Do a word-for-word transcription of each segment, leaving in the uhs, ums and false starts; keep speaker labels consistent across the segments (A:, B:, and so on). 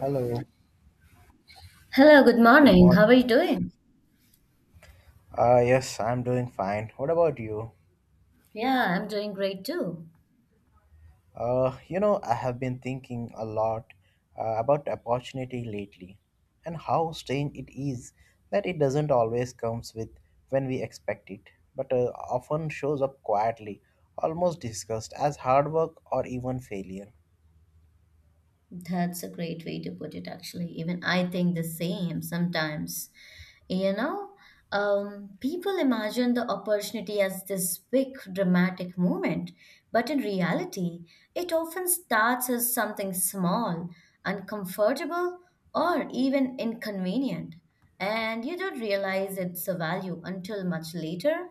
A: Hello,
B: Hello, good
A: good
B: morning. How
A: morning.
B: are you doing?
A: Uh, yes, I'm doing fine. What about you?
B: Yeah, I'm doing great too.
A: Uh, you know, I have been thinking a lot uh, about opportunity lately and how strange it is that it doesn't always comes with when we expect it, but uh, often shows up quietly, almost discussed as hard work or even failure.
B: That's a great way to put it, actually. Even I think the same sometimes. You know, um, people imagine the opportunity as this big dramatic moment, but in reality, it often starts as something small, uncomfortable, or even inconvenient. And you don't realize it's a value until much later.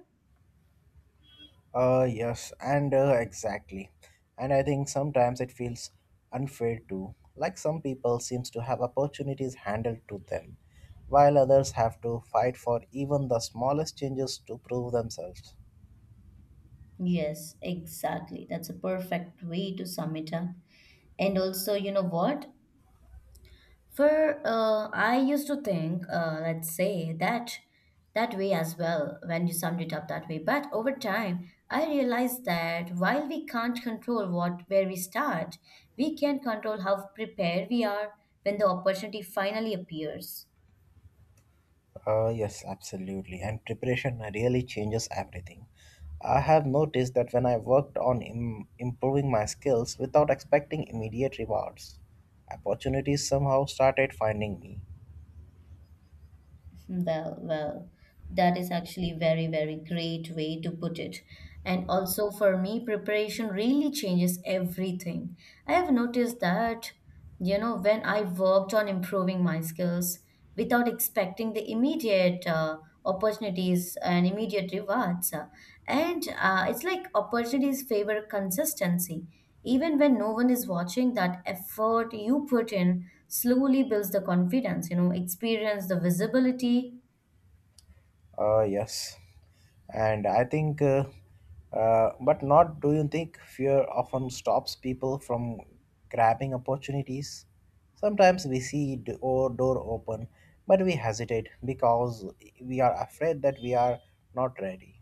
A: Uh, yes, and uh, Exactly. And I think sometimes it feels unfair too. Like some people seems to have opportunities handed to them, while others have to fight for even the smallest changes to prove themselves.
B: Yes, exactly. That's a perfect way to sum it up. And also, you know what? For uh, I used to think, uh, let's say that that way as well when you summed it up that way. But over time, I realized that while we can't control what where we start, we can control how prepared we are when the opportunity finally appears.
A: Uh, yes, absolutely. And preparation really changes everything. I have noticed that when I worked on Im- improving my skills without expecting immediate rewards, opportunities somehow started finding me.
B: Well, well, that is actually very, very great way to put it. And also for me, preparation really changes everything. I have noticed that, you know, when I worked on improving my skills without expecting the immediate uh, opportunities and immediate rewards, uh, and uh, it's like opportunities favor consistency. Even when no one is watching, that effort you put in slowly builds the confidence, you know, experience the visibility.
A: Uh, yes, and I think, uh, uh, but not do you think fear often stops people from grabbing opportunities? Sometimes we see d- or door open, but we hesitate because we are afraid that we are not ready.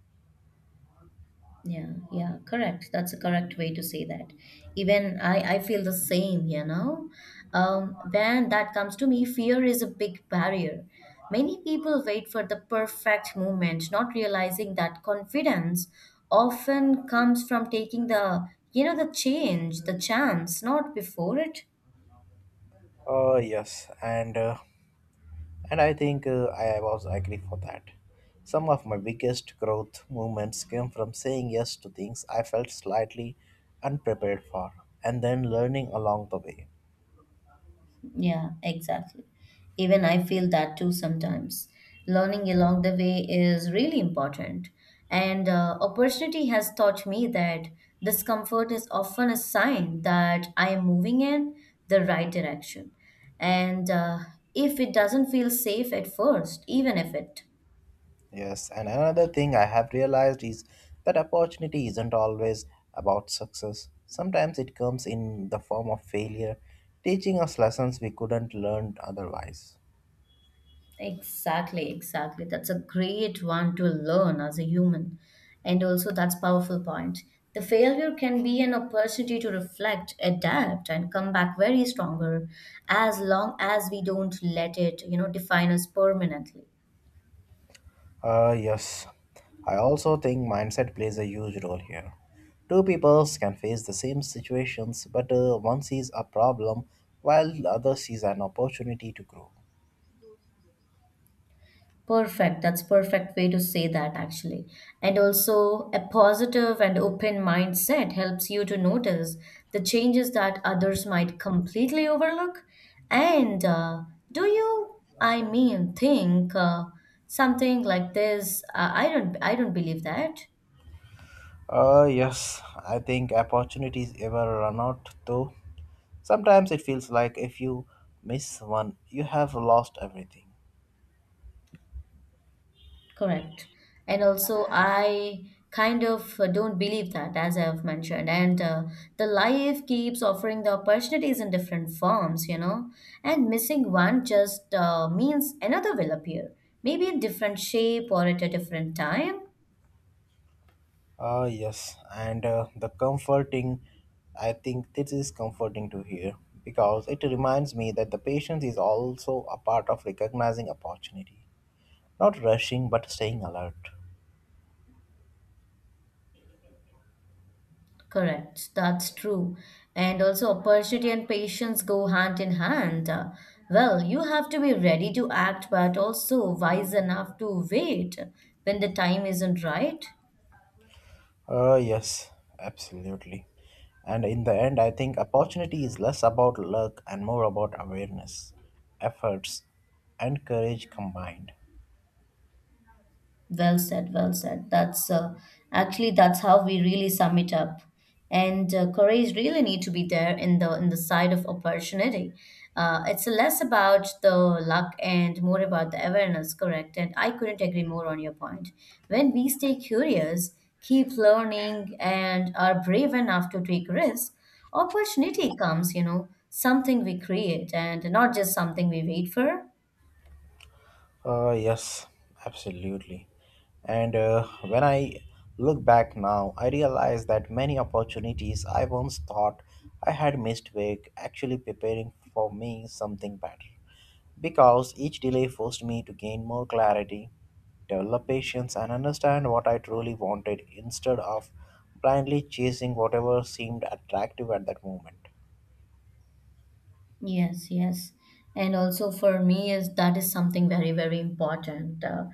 B: Yeah, yeah, correct. That's a correct way to say that. Even I, I feel the same, you know. Um, when that comes to me, fear is a big barrier. Many people wait for the perfect moment, not realizing that confidence often comes from taking the, you know, the change, the chance, not before it.
A: Uh, yes, and. Uh, And I think uh, I was agree for that. Some of my biggest growth moments came from saying yes to things I felt slightly unprepared for and then learning along the way.
B: Yeah, exactly. Even I feel that too sometimes. Learning along the way is really important. And uh, opportunity has taught me that discomfort is often a sign that I am moving in the right direction. And uh, if it doesn't feel safe at first, even if it.
A: Yes, and another thing I have realized is that opportunity isn't always about success. Sometimes it comes in the form of failure, teaching us lessons we couldn't learn otherwise.
B: Exactly, exactly. That's a great one to learn as a human. And also that's powerful point. The failure can be an opportunity to reflect, adapt, and come back very stronger as long as we don't let it, you know, define us permanently.
A: Uh, yes. I also think mindset plays a huge role here. Two peoples can face the same situations, but uh, one sees a problem while the other sees an opportunity to grow.
B: Perfect. That's perfect way to say that actually. And also a positive and open mindset helps you to notice the changes that others might completely overlook. And uh, do you, I mean, think uh, something like this? Uh, I don't, I don't believe that.
A: Uh, yes, I think opportunities ever run out though. Sometimes it feels like if you miss one, you have lost everything.
B: Correct. And also, I kind of uh, don't believe that, as I have mentioned. And uh, the life keeps offering the opportunities in different forms, you know. And missing one just uh, means another will appear, maybe in different shape or at a different time.
A: Ah, yes, and uh, the comforting, I think this is comforting to hear because it reminds me that the patience is also a part of recognizing opportunity, not rushing but staying alert.
B: Correct. That's true. And also, opportunity and patience go hand in hand. Uh, well, you have to be ready to act, but also wise enough to wait when the time isn't right.
A: Ah, yes, absolutely. And in the end, I think opportunity is less about luck and more about awareness, efforts, and courage combined.
B: Well said, well said. That's uh, Actually that's how we really sum it up. And uh, courage really need to be there in the in the side of opportunity. Uh, it's less about the luck and more about the awareness, correct? And I couldn't agree more on your point. When we stay curious, keep learning, and are brave enough to take risks, opportunity comes. You know, something we create, and not just something we wait for.
A: Uh, yes, absolutely. And uh, when I look back now, I realize that many opportunities I once thought I had missed were actually preparing for me something better. Because each delay forced me to gain more clarity, develop patience, and understand what I truly wanted instead of blindly chasing whatever seemed attractive at that moment.
B: Yes, yes. And also for me is that is something very, very important. Uh,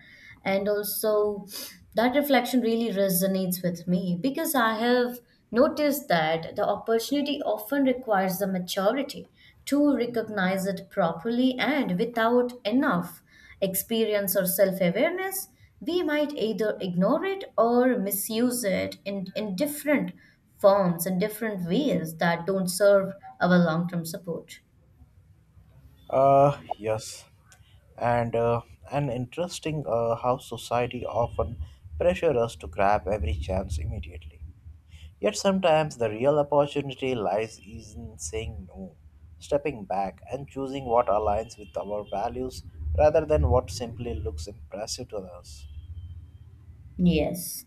B: And also that reflection really resonates with me because I have noticed that the opportunity often requires the maturity to recognize it properly and without enough experience or self-awareness, we might either ignore it or misuse it in, in different forms and different ways that don't serve our long-term support.
A: Uh, yes, and uh, an interesting uh, how society often pressure us to grab every chance immediately. Yet sometimes the real opportunity lies in saying no, stepping back, and choosing what aligns with our values rather than what simply looks impressive to others.
B: Yes.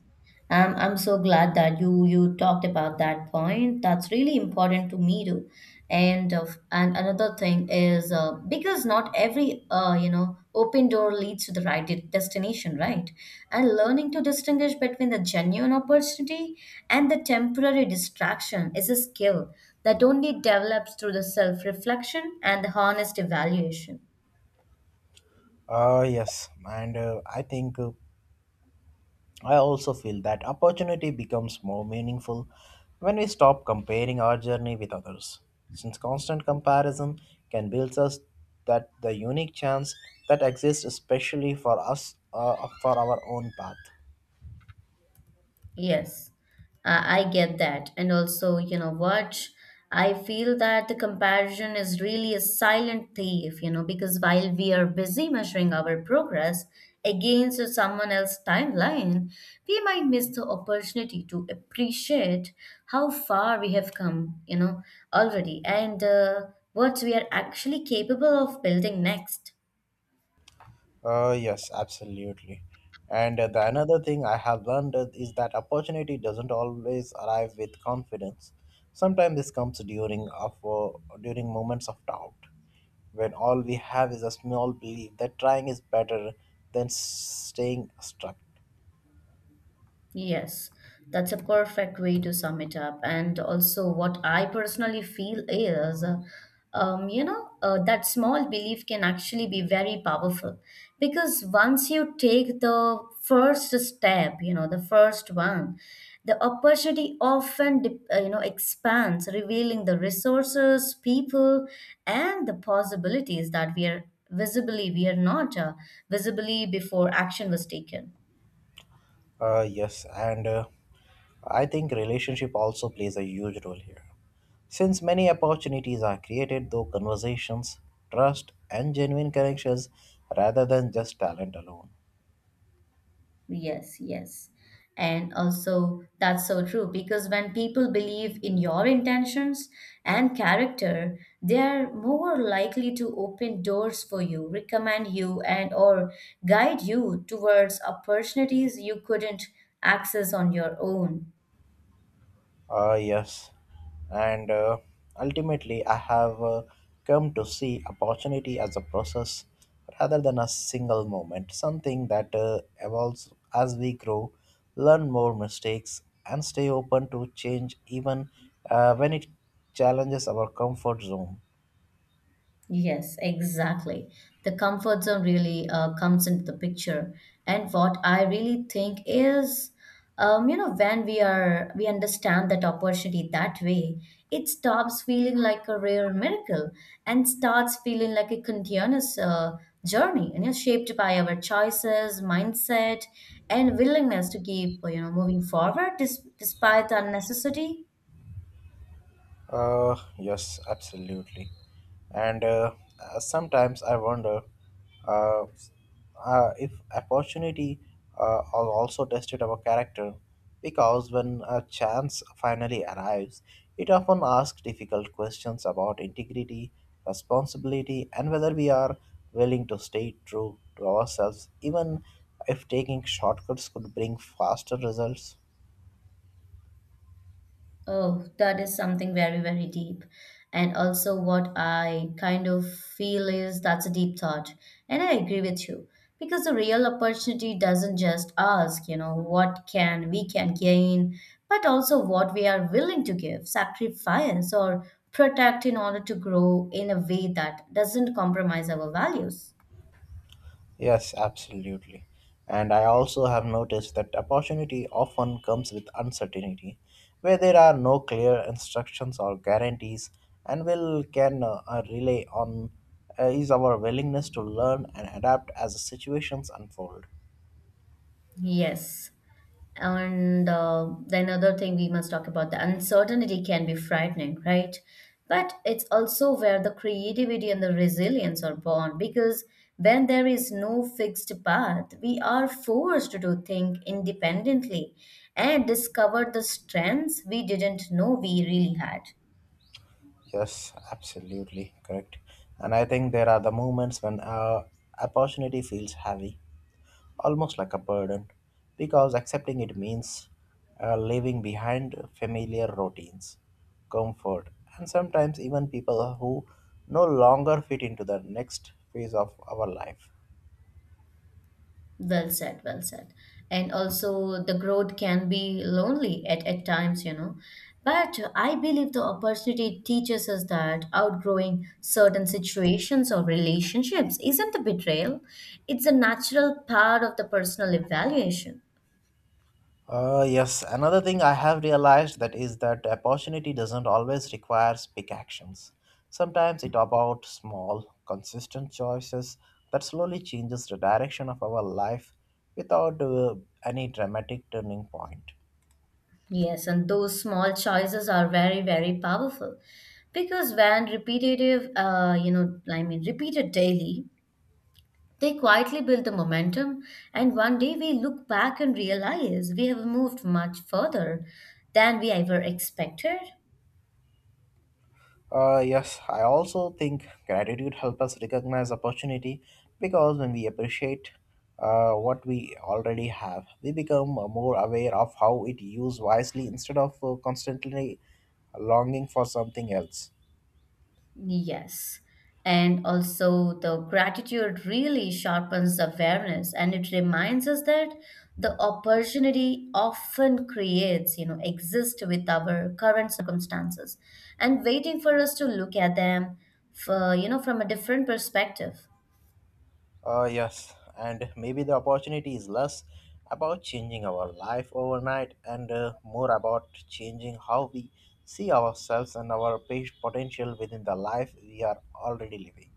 B: I'm I'm so glad that you you talked about that point. That's really important to me too. And of and another thing is uh, because not every uh, you know open door leads to the right de- destination, right? And learning to distinguish between the genuine opportunity and the temporary distraction is a skill that only develops through the self-reflection and the honest evaluation.
A: Uh, yes, and uh, I think uh, I also feel that opportunity becomes more meaningful when we stop comparing our journey with others, since constant comparison can build us that the unique chance that exists especially for us uh, for our own path.
B: Yes, I I get that. And also, you know what? I feel that the comparison is really a silent thief, you know, because while we are busy measuring our progress against someone else's timeline, we might miss the opportunity to appreciate how far we have come, you know, already and uh, what we are actually capable of building next.
A: Uh, yes, absolutely. And uh, the another thing I have learned is is that opportunity doesn't always arrive with confidence. Sometimes this comes during of uh, during moments of doubt, when all we have is a small belief that trying is better than staying stuck.
B: Yes, that's a perfect way to sum it up. And also, what I personally feel is, uh, um, you know, uh, that small belief can actually be very powerful because once you take the first step, you know, the first one, the opportunity often, de- uh, you know, expands, revealing the resources, people, and the possibilities that we are visibly, we are not uh, visibly before action was taken.
A: Uh, yes, and uh, I think relationship also plays a huge role here. Since many opportunities are created through conversations, trust, and genuine connections rather than just talent alone.
B: Yes, yes. And also, that's so true because when people believe in your intentions and character, they are more likely to open doors for you, recommend you, and or guide you towards opportunities you couldn't access on your own.
A: Ah, yes. And uh, ultimately, I have uh, come to see opportunity as a process rather than a single moment, something that uh, evolves as we grow, learn more mistakes, and stay open to change even uh, when it challenges our comfort zone.
B: Yes, exactly. The comfort zone really uh, comes into the picture. And what I really think is, um, you know, when we are we understand that opportunity that way, it stops feeling like a rare miracle and starts feeling like a continuous uh, journey, and you know, shaped by our choices, mindset, and willingness to keep you know moving forward dis- despite the necessity.
A: Uh, yes, absolutely. And uh, uh, sometimes I wonder uh, uh, if opportunity uh, al- also tested our character because when a chance finally arrives, it often asks difficult questions about integrity, responsibility, and whether we are willing to stay true to ourselves, even if taking shortcuts could bring faster results.
B: Oh, that is something very, very deep. And also, what I kind of feel is that's a deep thought. And I agree with you because the real opportunity doesn't just ask, you know, what can we can gain, but also what we are willing to give, sacrifice, or protect in order to grow in a way that doesn't compromise our values.
A: Yes, absolutely. And I also have noticed that opportunity often comes with uncertainty, where there are no clear instructions or guarantees, and will can uh, uh, rely on uh, is our willingness to learn and adapt as situations unfold.
B: Yes. And uh, the another thing we must talk about the uncertainty can be frightening, right? But it's also where the creativity and the resilience are born because when there is no fixed path, we are forced to think independently and discover the strengths we didn't know we really had.
A: Yes, absolutely correct. And I think there are the moments when uh, opportunity feels heavy, almost like a burden, because accepting it means uh, leaving behind familiar routines, comfort, and sometimes even people who no longer fit into the next phase of our life.
B: Well said, well said. And also, the growth can be lonely at, at times, you know. But I believe the opportunity teaches us that outgrowing certain situations or relationships isn't a betrayal, it's a natural part of the personal evaluation.
A: Uh, yes, another thing I have realized that is that opportunity doesn't always require big actions. Sometimes it's about small, consistent choices that slowly changes the direction of our life without uh, any dramatic turning point.
B: Yes, and those small choices are very, very powerful because when repetitive, uh, you know, I mean, repeated daily, they quietly build the momentum, and one day we look back and realize we have moved much further than we ever expected.
A: Uh, yes, I also think gratitude helps us recognize opportunity because when we appreciate uh, what we already have, we become uh, more aware of how it used wisely instead of uh, constantly longing for something else.
B: Yes. And also, the gratitude really sharpens the awareness and it reminds us that the opportunity often creates, you know, exist with our current circumstances and waiting for us to look at them for, you know, from a different perspective.
A: Uh, yes, and maybe the opportunity is less about changing our life overnight and uh, more about changing how we see ourselves and our pe- potential within the life we are already living.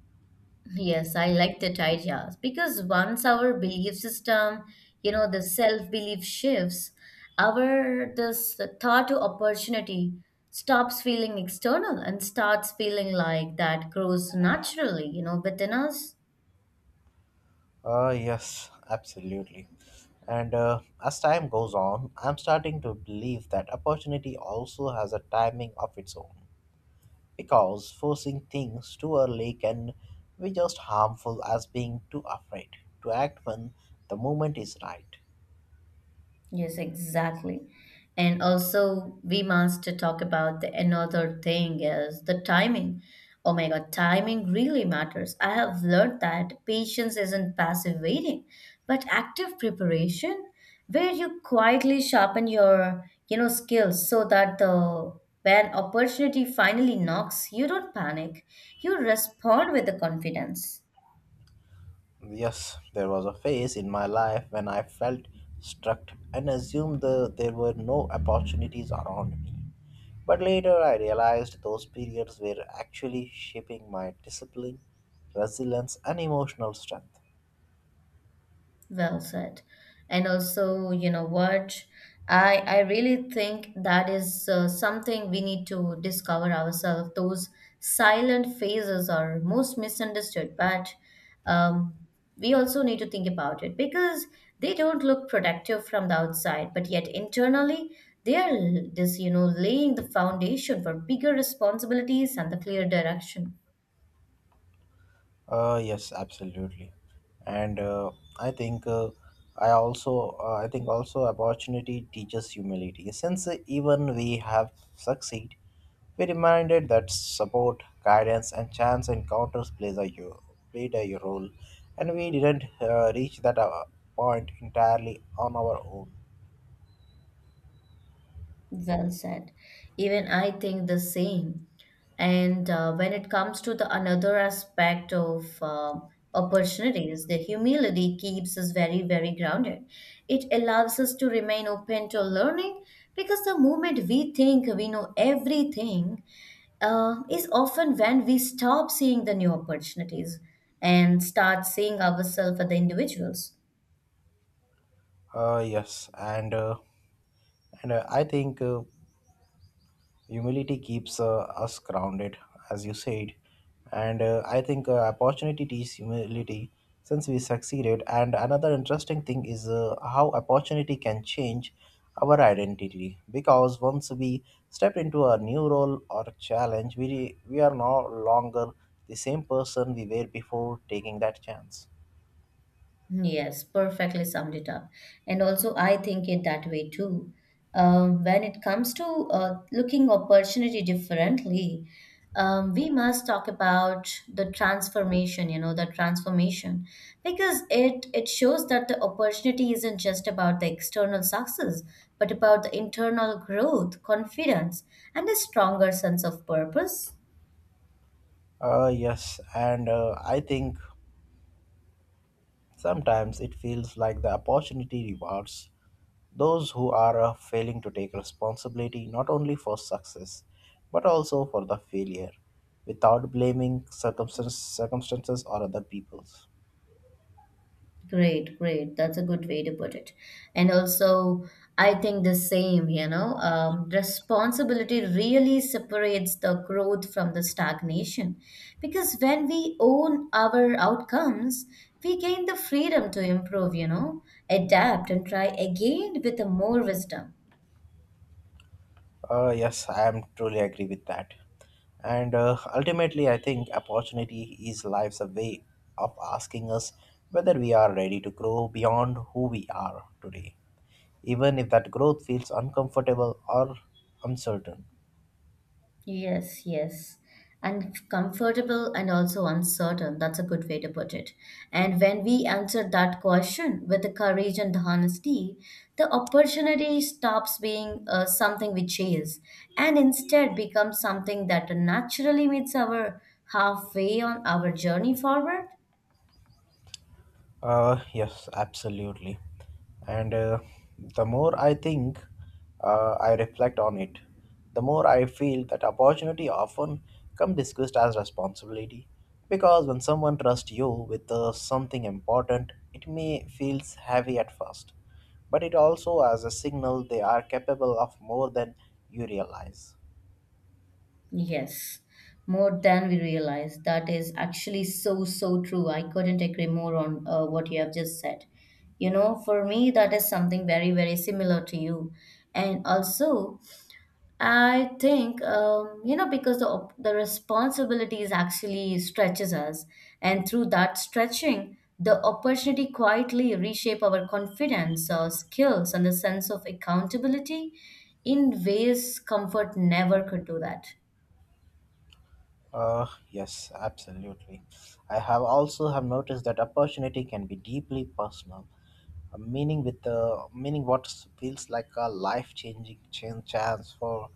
B: Yes, I like that idea because once our belief system, you know, the self-belief shifts, our this thought to opportunity stops feeling external and starts feeling like that grows naturally, you know, within us.
A: Uh, yes, absolutely. And uh, as time goes on, I'm starting to believe that opportunity also has a timing of its own. Because forcing things too early can be just harmful as being too afraid to act when the moment is right.
B: Yes, exactly. And also, we must to talk about the another thing is the timing. Oh my God, timing really matters. I have learned that patience isn't passive waiting, but active preparation, where you quietly sharpen your, you know, skills so that the when opportunity finally knocks, you don't panic. You respond with the confidence.
A: Yes, there was a phase in my life when I felt struck and assumed the, there were no opportunities around me. But later I realized those periods were actually shaping my discipline, resilience, and emotional strength.
B: Well said. And also, you know what? I I really think that is uh, something we need to discover ourselves. Those silent phases are most misunderstood, but um, we also need to think about it because they don't look productive from the outside, but yet internally they are l- this, you know, laying the foundation for bigger responsibilities and the clear direction.
A: Uh, yes, absolutely. And uh, I think uh, I also uh, I think also opportunity teaches humility. Since even we have succeed, be reminded that support, guidance, and chance encounters plays a yo- played a role, and we didn't uh, reach that uh, point entirely on our own.
B: Well said. Even I think the same. And uh, when it comes to the another aspect of uh, opportunities, the humility keeps us very, very grounded. It allows us to remain open to learning because the moment we think we know everything, uh, is often when we stop seeing the new opportunities and start seeing ourselves as the individuals.
A: Uh, yes, and uh, and uh, I think. Uh, Humility keeps uh, us grounded, as you said, and uh, I think uh, opportunity teaches humility since we succeeded. And another interesting thing is uh, how opportunity can change our identity because once we step into a new role or challenge, we we are no longer the same person we were before taking that chance.
B: Yes, perfectly summed it up. And also, I think it that way too. Um, when it comes to uh, looking opportunity differently, um, we must talk about the transformation. You know, the transformation because it it shows that the opportunity isn't just about the external success, but about the internal growth, confidence, and a stronger sense of purpose.
A: Uh, yes, and uh, I think sometimes it feels like the opportunity rewards those who are uh, failing to take responsibility not only for success but also for the failure without blaming circumstances, circumstances or other peoples.
B: Great, great. That's a good way to put it. And also, I think the same, you know, um, responsibility really separates the growth from the stagnation. Because when we own our outcomes, we gain the freedom to improve, you know, adapt and try again with the more wisdom.
A: Uh, yes, I am truly agree with that. And uh, ultimately, I think opportunity is life's a way of asking us whether we are ready to grow beyond who we are today, even if that growth feels uncomfortable or uncertain.
B: Yes, yes. And comfortable and also uncertain. That's a good way to put it. And when we answer that question with the courage and the honesty, the opportunity stops being uh, something we chase and instead becomes something that naturally meets our halfway on our journey forward.
A: Uh, yes, absolutely. And uh, the more I think, uh, I reflect on it, the more I feel that opportunity often come discussed as responsibility. Because when someone trusts you with uh, something important, it may feels heavy at first, but it also as a signal they are capable of more than you realize.
B: Yes, more than we realize. That is actually so, so true. I couldn't agree more on uh, what you have just said. You know, for me, that is something very, very similar to you. And also, I think, um, you know, because the, op- the responsibilities actually stretches us. And through that stretching, the opportunity quietly reshape our confidence, our skills, and the sense of accountability in ways comfort never could do that.
A: Uh, yes, absolutely. I have also have noticed that opportunity can be deeply personal. A meaning with the meaning what feels like a life-changing chan- chance for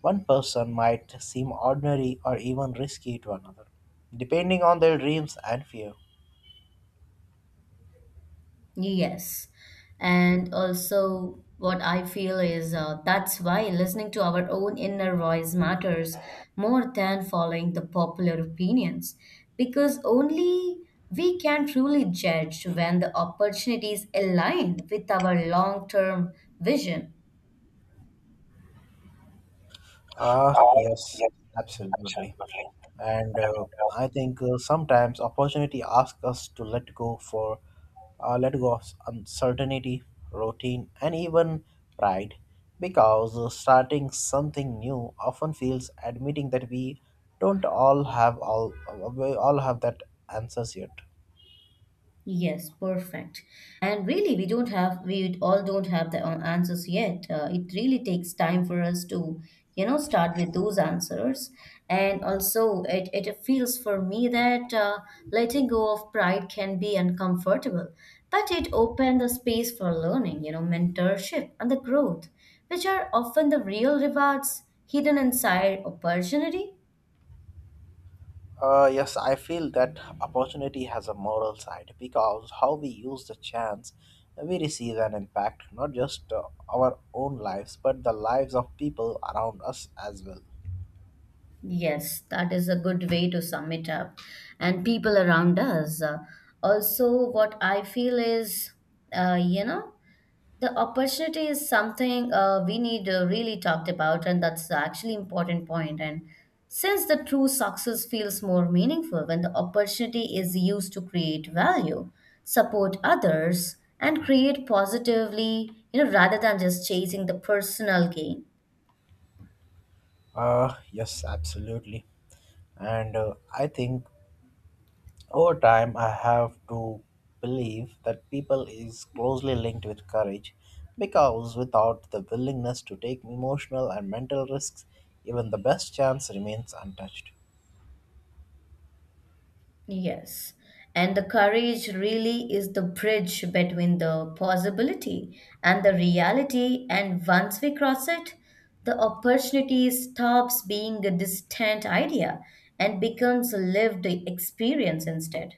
A: one person might seem ordinary or even risky to another, depending on their dreams and fear.
B: Yes. And also, what I feel is uh, that's why listening to our own inner voice matters more than following the popular opinions, because only we can truly judge when the opportunities align with our long-term vision.
A: Ah, yes, absolutely. And uh, I think uh, sometimes opportunity asks us to let go for uh, let go of uncertainty, routine, and even pride, because uh, starting something new often feels admitting that we don't all have all uh, we all have that answers yet.
B: Yes, perfect. And really, we don't have, we all don't have the uh, answers yet. Uh, it really takes time for us to, you know, start with those answers. And also, it, it feels for me that uh, letting go of pride can be uncomfortable, but it opened the space for learning, you know, mentorship and the growth, which are often the real rewards hidden inside opportunity.
A: Uh, yes, I feel that opportunity has a moral side because how we use the chance we receive an impact not just uh, our own lives but the lives of people around us as well.
B: Yes, that is a good way to sum it up. And people around us. Uh, also, what I feel is, uh, you know, the opportunity is something uh, we need uh, really talked about, and that's actually important point. And since the true success feels more meaningful when the opportunity is used to create value, support others, and create positively, you know, rather than just chasing the personal gain.
A: Uh, yes, absolutely. And uh, I think over time I have to believe that people is closely linked with courage because without the willingness to take emotional and mental risks, even the best chance remains untouched.
B: Yes. And the courage really is the bridge between the possibility and the reality. And once we cross it, the opportunity stops being a distant idea and becomes a lived experience instead.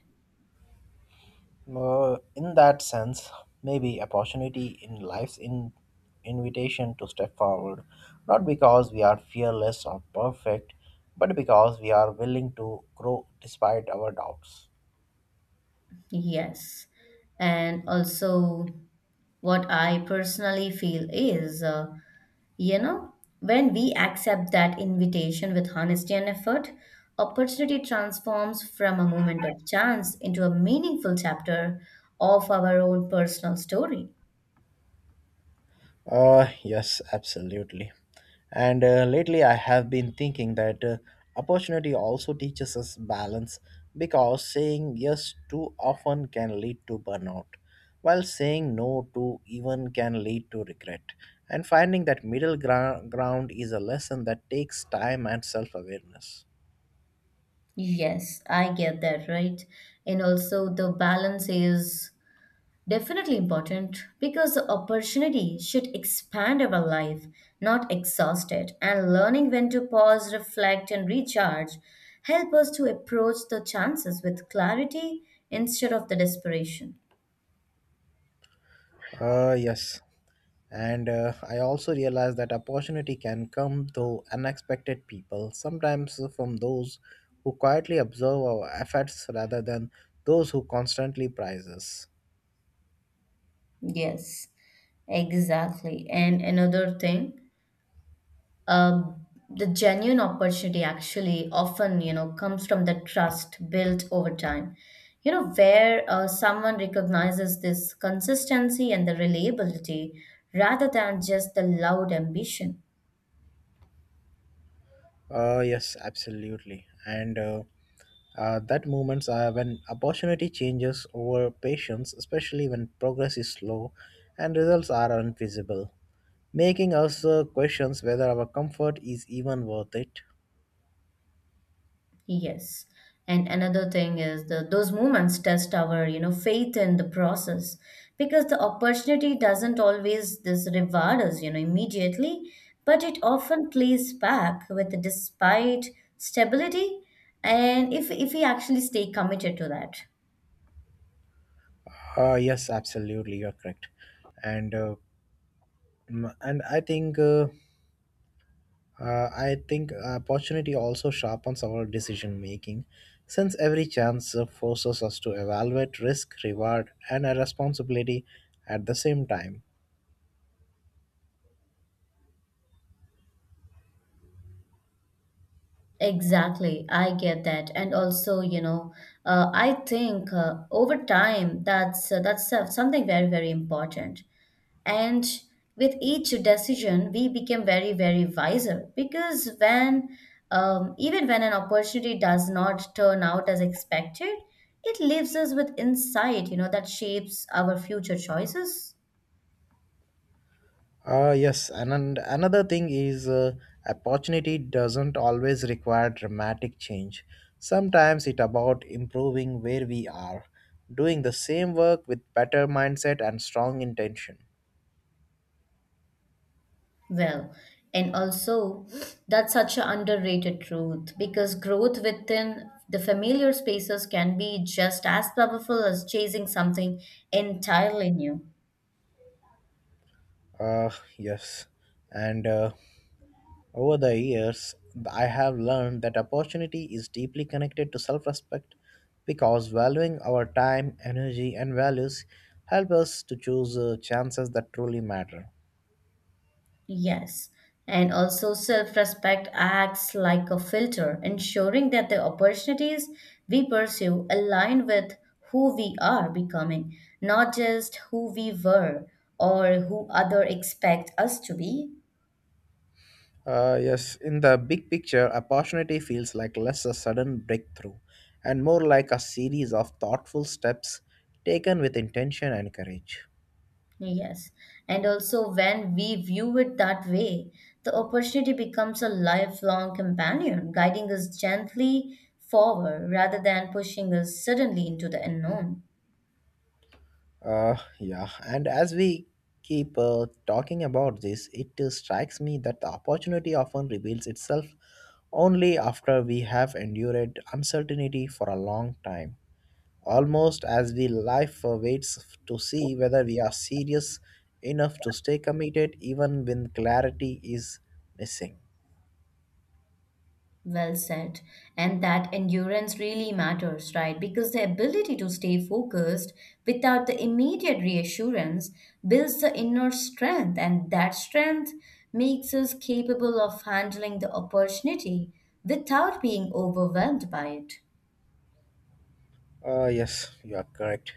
A: Uh, in that sense, maybe opportunity in life's in invitation to step forward, not because we are fearless or perfect, but because we are willing to grow despite our doubts.
B: Yes. And also, what I personally feel is uh, you know, when we accept that invitation with honesty and effort, opportunity transforms from a moment of chance into a meaningful chapter of our own personal story.
A: Uh, yes, absolutely. And uh, lately, I have been thinking that uh, opportunity also teaches us balance because saying yes too often can lead to burnout, while saying no too even can lead to regret. And finding that middle grou- ground is a lesson that takes time and self awareness.
B: Yes, I get that, right? And also, the balance is definitely important because the opportunity should expand our life, not exhaust it. And learning when to pause, reflect, and recharge help us to approach the chances with clarity instead of the desperation.
A: Uh, yes. And uh, I also realized that opportunity can come through unexpected people, sometimes from those who quietly observe our efforts rather than those who constantly praise us.
B: Yes, exactly. And another thing, um, the genuine opportunity actually often, you know, comes from the trust built over time, you know, where uh, someone recognizes this consistency and the reliability rather than just the loud ambition.
A: Uh, yes, absolutely. And uh, uh, that moments are when opportunity changes over patience, especially when progress is slow and results are invisible, making us uh, questions whether our comfort is even worth it.
B: Yes. And another thing is the those moments test our, you know, faith in the process because the opportunity doesn't always this reward us, you know, immediately, but it often plays back with despite stability and if if we actually stay committed to that.
A: Uh, yes, absolutely, you're correct. And uh, Mm, and I think uh, uh, I think opportunity also sharpens our decision making, since every chance uh, forces us to evaluate risk, reward, and a responsibility at the same time.
B: Exactly, I get that, and also, you know, uh, I think uh, over time that's uh, that's uh, something very, very important. And with each decision, we became very, very wiser because when, um, even when an opportunity does not turn out as expected, it leaves us with insight, you know, that shapes our future choices
A: Uh, yes, and, and another thing is, uh, opportunity doesn't always require dramatic change. Sometimes it about improving where we are, doing the same work with better mindset and strong intention.
B: well. And also, that's such an underrated truth because growth within the familiar spaces can be just as powerful as chasing something entirely new.
A: uh, yes, and uh, over the years, I have learned that opportunity is deeply connected to self respect, because valuing our time, energy, and values help us to choose uh, chances that truly matter.
B: Yes, and also self respect acts like a filter, ensuring that the opportunities we pursue align with who we are becoming, not just who we were or who others expect us to be.
A: Uh, yes, in the big picture, opportunity feels like less a sudden breakthrough and more like a series of thoughtful steps taken with intention and courage.
B: Yes, and also when we view it that way, the opportunity becomes a lifelong companion, guiding us gently forward rather than pushing us suddenly into the unknown.
A: Uh, yeah, and as we keep uh, talking about this, it uh, strikes me that the opportunity often reveals itself only after we have endured uncertainty for a long time, almost as we life waits to see whether we are serious enough to stay committed even when clarity is missing.
B: Well said. And that endurance really matters, right? Because the ability to stay focused without the immediate reassurance builds the inner strength, and that strength makes us capable of handling the opportunity without being overwhelmed by it.
A: Uh, yes, you are correct.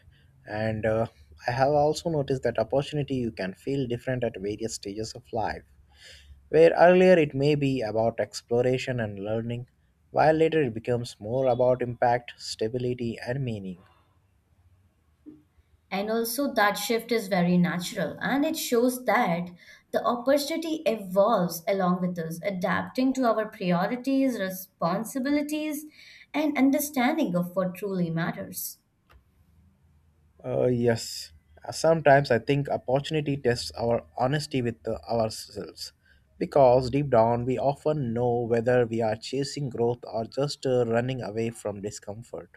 A: And uh, I have also noticed that opportunity you can feel different at various stages of life, where earlier it may be about exploration and learning, while later it becomes more about impact, stability, and meaning.
B: And also, that shift is very natural and it shows that the opportunity evolves along with us, adapting to our priorities, responsibilities, and understanding of what truly matters.
A: Uh, yes. Uh, Sometimes I think opportunity tests our honesty with uh, ourselves, because deep down we often know whether we are chasing growth or just uh, running away from discomfort.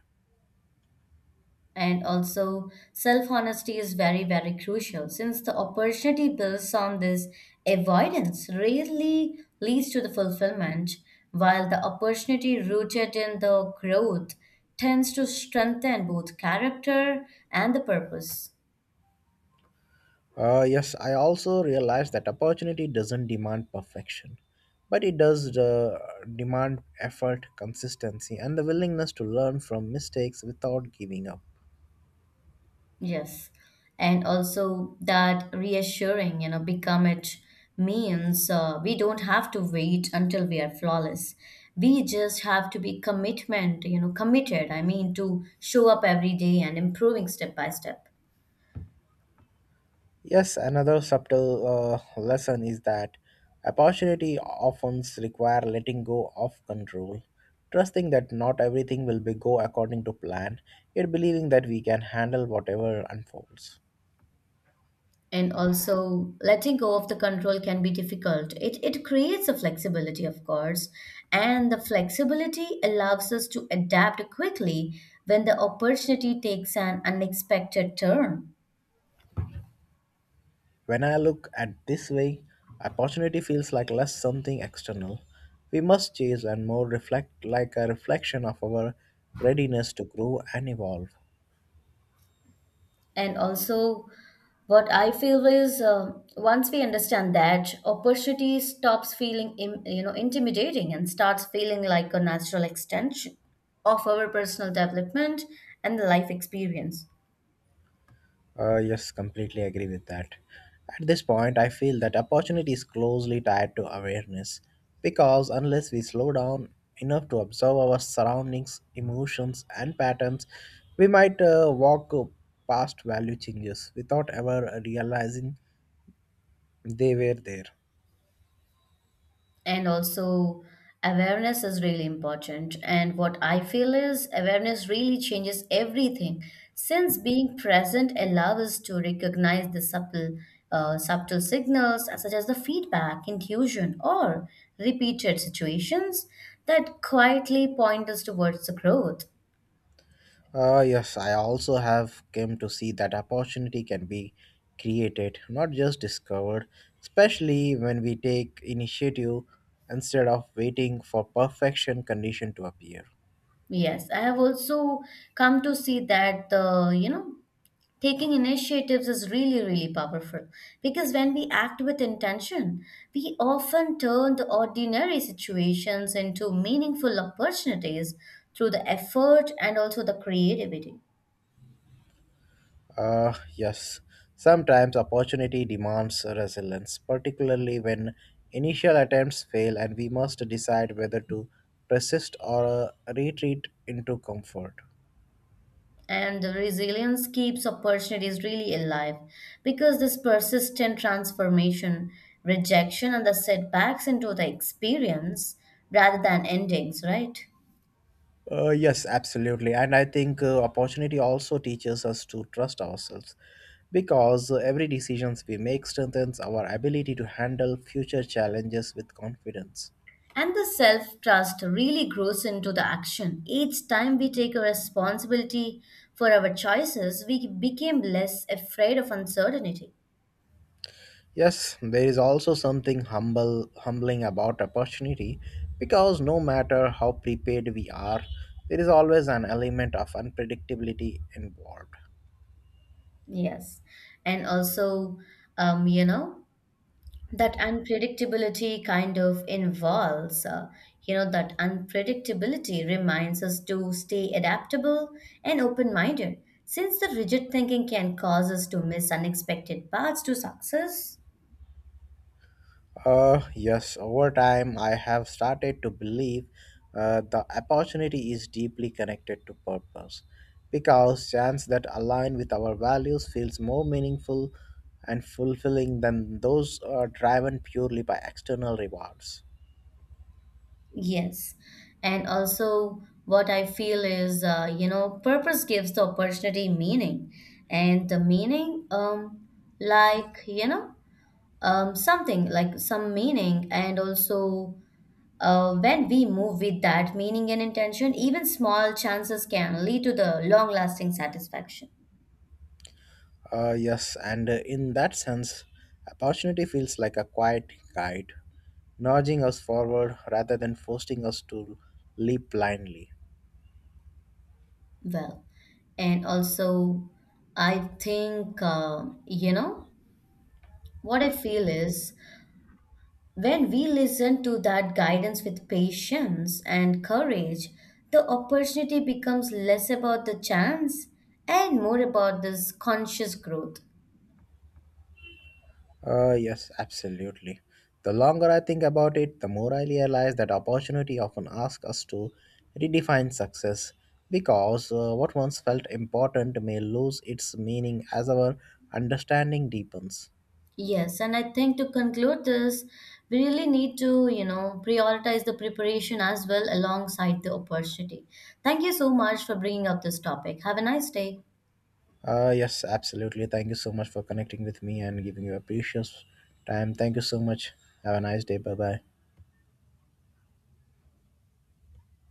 B: And also, self honesty is very, very crucial since the opportunity builds on this avoidance rarely leads to the fulfillment, while the opportunity rooted in the growth tends to strengthen both character and the purpose.
A: Uh, yes, I also realize that opportunity doesn't demand perfection, but it does uh, demand effort, consistency, and the willingness to learn from mistakes without giving up.
B: Yes. And also that reassuring, you know, become it means uh, we don't have to wait until we are flawless. We just have to be commitment, you know, committed. I mean, to show up every day and improving step by step.
A: Yes, another subtle uh, lesson is that opportunity often require letting go of control, trusting that not everything will be go according to plan, yet believing that we can handle whatever unfolds.
B: And also letting go of the control can be difficult. It it creates a flexibility, of course, and the flexibility allows us to adapt quickly when the opportunity takes an unexpected turn.
A: When I look at this way, opportunity feels like less something external we must chase and more reflect like a reflection of our readiness to grow and evolve.
B: And also, what I feel is, um once we understand that, opportunity stops feeling im- you know, intimidating and starts feeling like a natural extension of our personal development and the life experience.
A: Uh, yes, completely agree with that. At this point, I feel that opportunity is closely tied to awareness, because unless we slow down enough to observe our surroundings, emotions, and patterns, we might uh, walk past value changes without ever realizing they were there.
B: And also awareness is really important and what I feel is awareness really changes everything since being present allows us to recognize the subtle uh, subtle signals such as the feedback intuition or repeated situations that quietly point us towards the growth.
A: Uh, yes, I also have came to see that opportunity can be created, not just discovered, especially when we take initiative instead of waiting for perfection condition to appear.
B: Yes, I have also come to see that the, you know, taking initiatives is really, really powerful because when we act with intention we often turn the ordinary situations into meaningful opportunities through the effort and also the creativity.
A: Uh, yes, sometimes opportunity demands resilience, particularly when initial attempts fail and we must decide whether to persist or uh, retreat into comfort.
B: And the resilience keeps opportunities really alive because this persistent transformation rejection and the setbacks into the experience rather than endings, right?
A: Uh, yes, absolutely. And I think uh, opportunity also teaches us to trust ourselves, because uh, every decisions we make strengthens our ability to handle future challenges with confidence.
B: And the self trust really grows into the action. Each time we take a responsibility for our choices, we became less afraid of uncertainty.
A: Yes, there is also something humble humbling about opportunity, because no matter how prepared we are, there is always an element of unpredictability involved.
B: Yes. And also, um, you know, that unpredictability kind of involves, uh, you know, that unpredictability reminds us to stay adaptable and open minded, since the rigid thinking can cause us to miss unexpected paths to success.
A: Uh, yes, over time I have started to believe uh, the opportunity is deeply connected to purpose, because chance that align with our values feels more meaningful and fulfilling than those uh, driven purely by external rewards.
B: Yes. And also, what I feel is, uh, you know, purpose gives the opportunity meaning. And the meaning, um, like, you know, um, something like some meaning. And also, uh, when we move with that meaning and intention, even small chances can lead to the long-lasting satisfaction.
A: Uh, yes, and uh, in that sense, opportunity feels like a quiet guide, nudging us forward rather than forcing us to leap blindly.
B: Well, and also, I think, uh, you know, what I feel is, when we listen to that guidance with patience and courage, the opportunity becomes less about the chance and more about this conscious growth.
A: Uh, yes, absolutely. The longer I think about it, the more I realize that opportunity often asks us to redefine success, because uh, what once felt important may lose its meaning as our understanding deepens.
B: Yes, and I think to conclude this, we really need to, you know, prioritize the preparation as well alongside the opportunity. Thank you so much for bringing up this topic. Have a nice day.
A: Uh, yes, absolutely. Thank you so much for connecting with me and giving your precious time. Thank you so much. Have a nice day. Bye bye.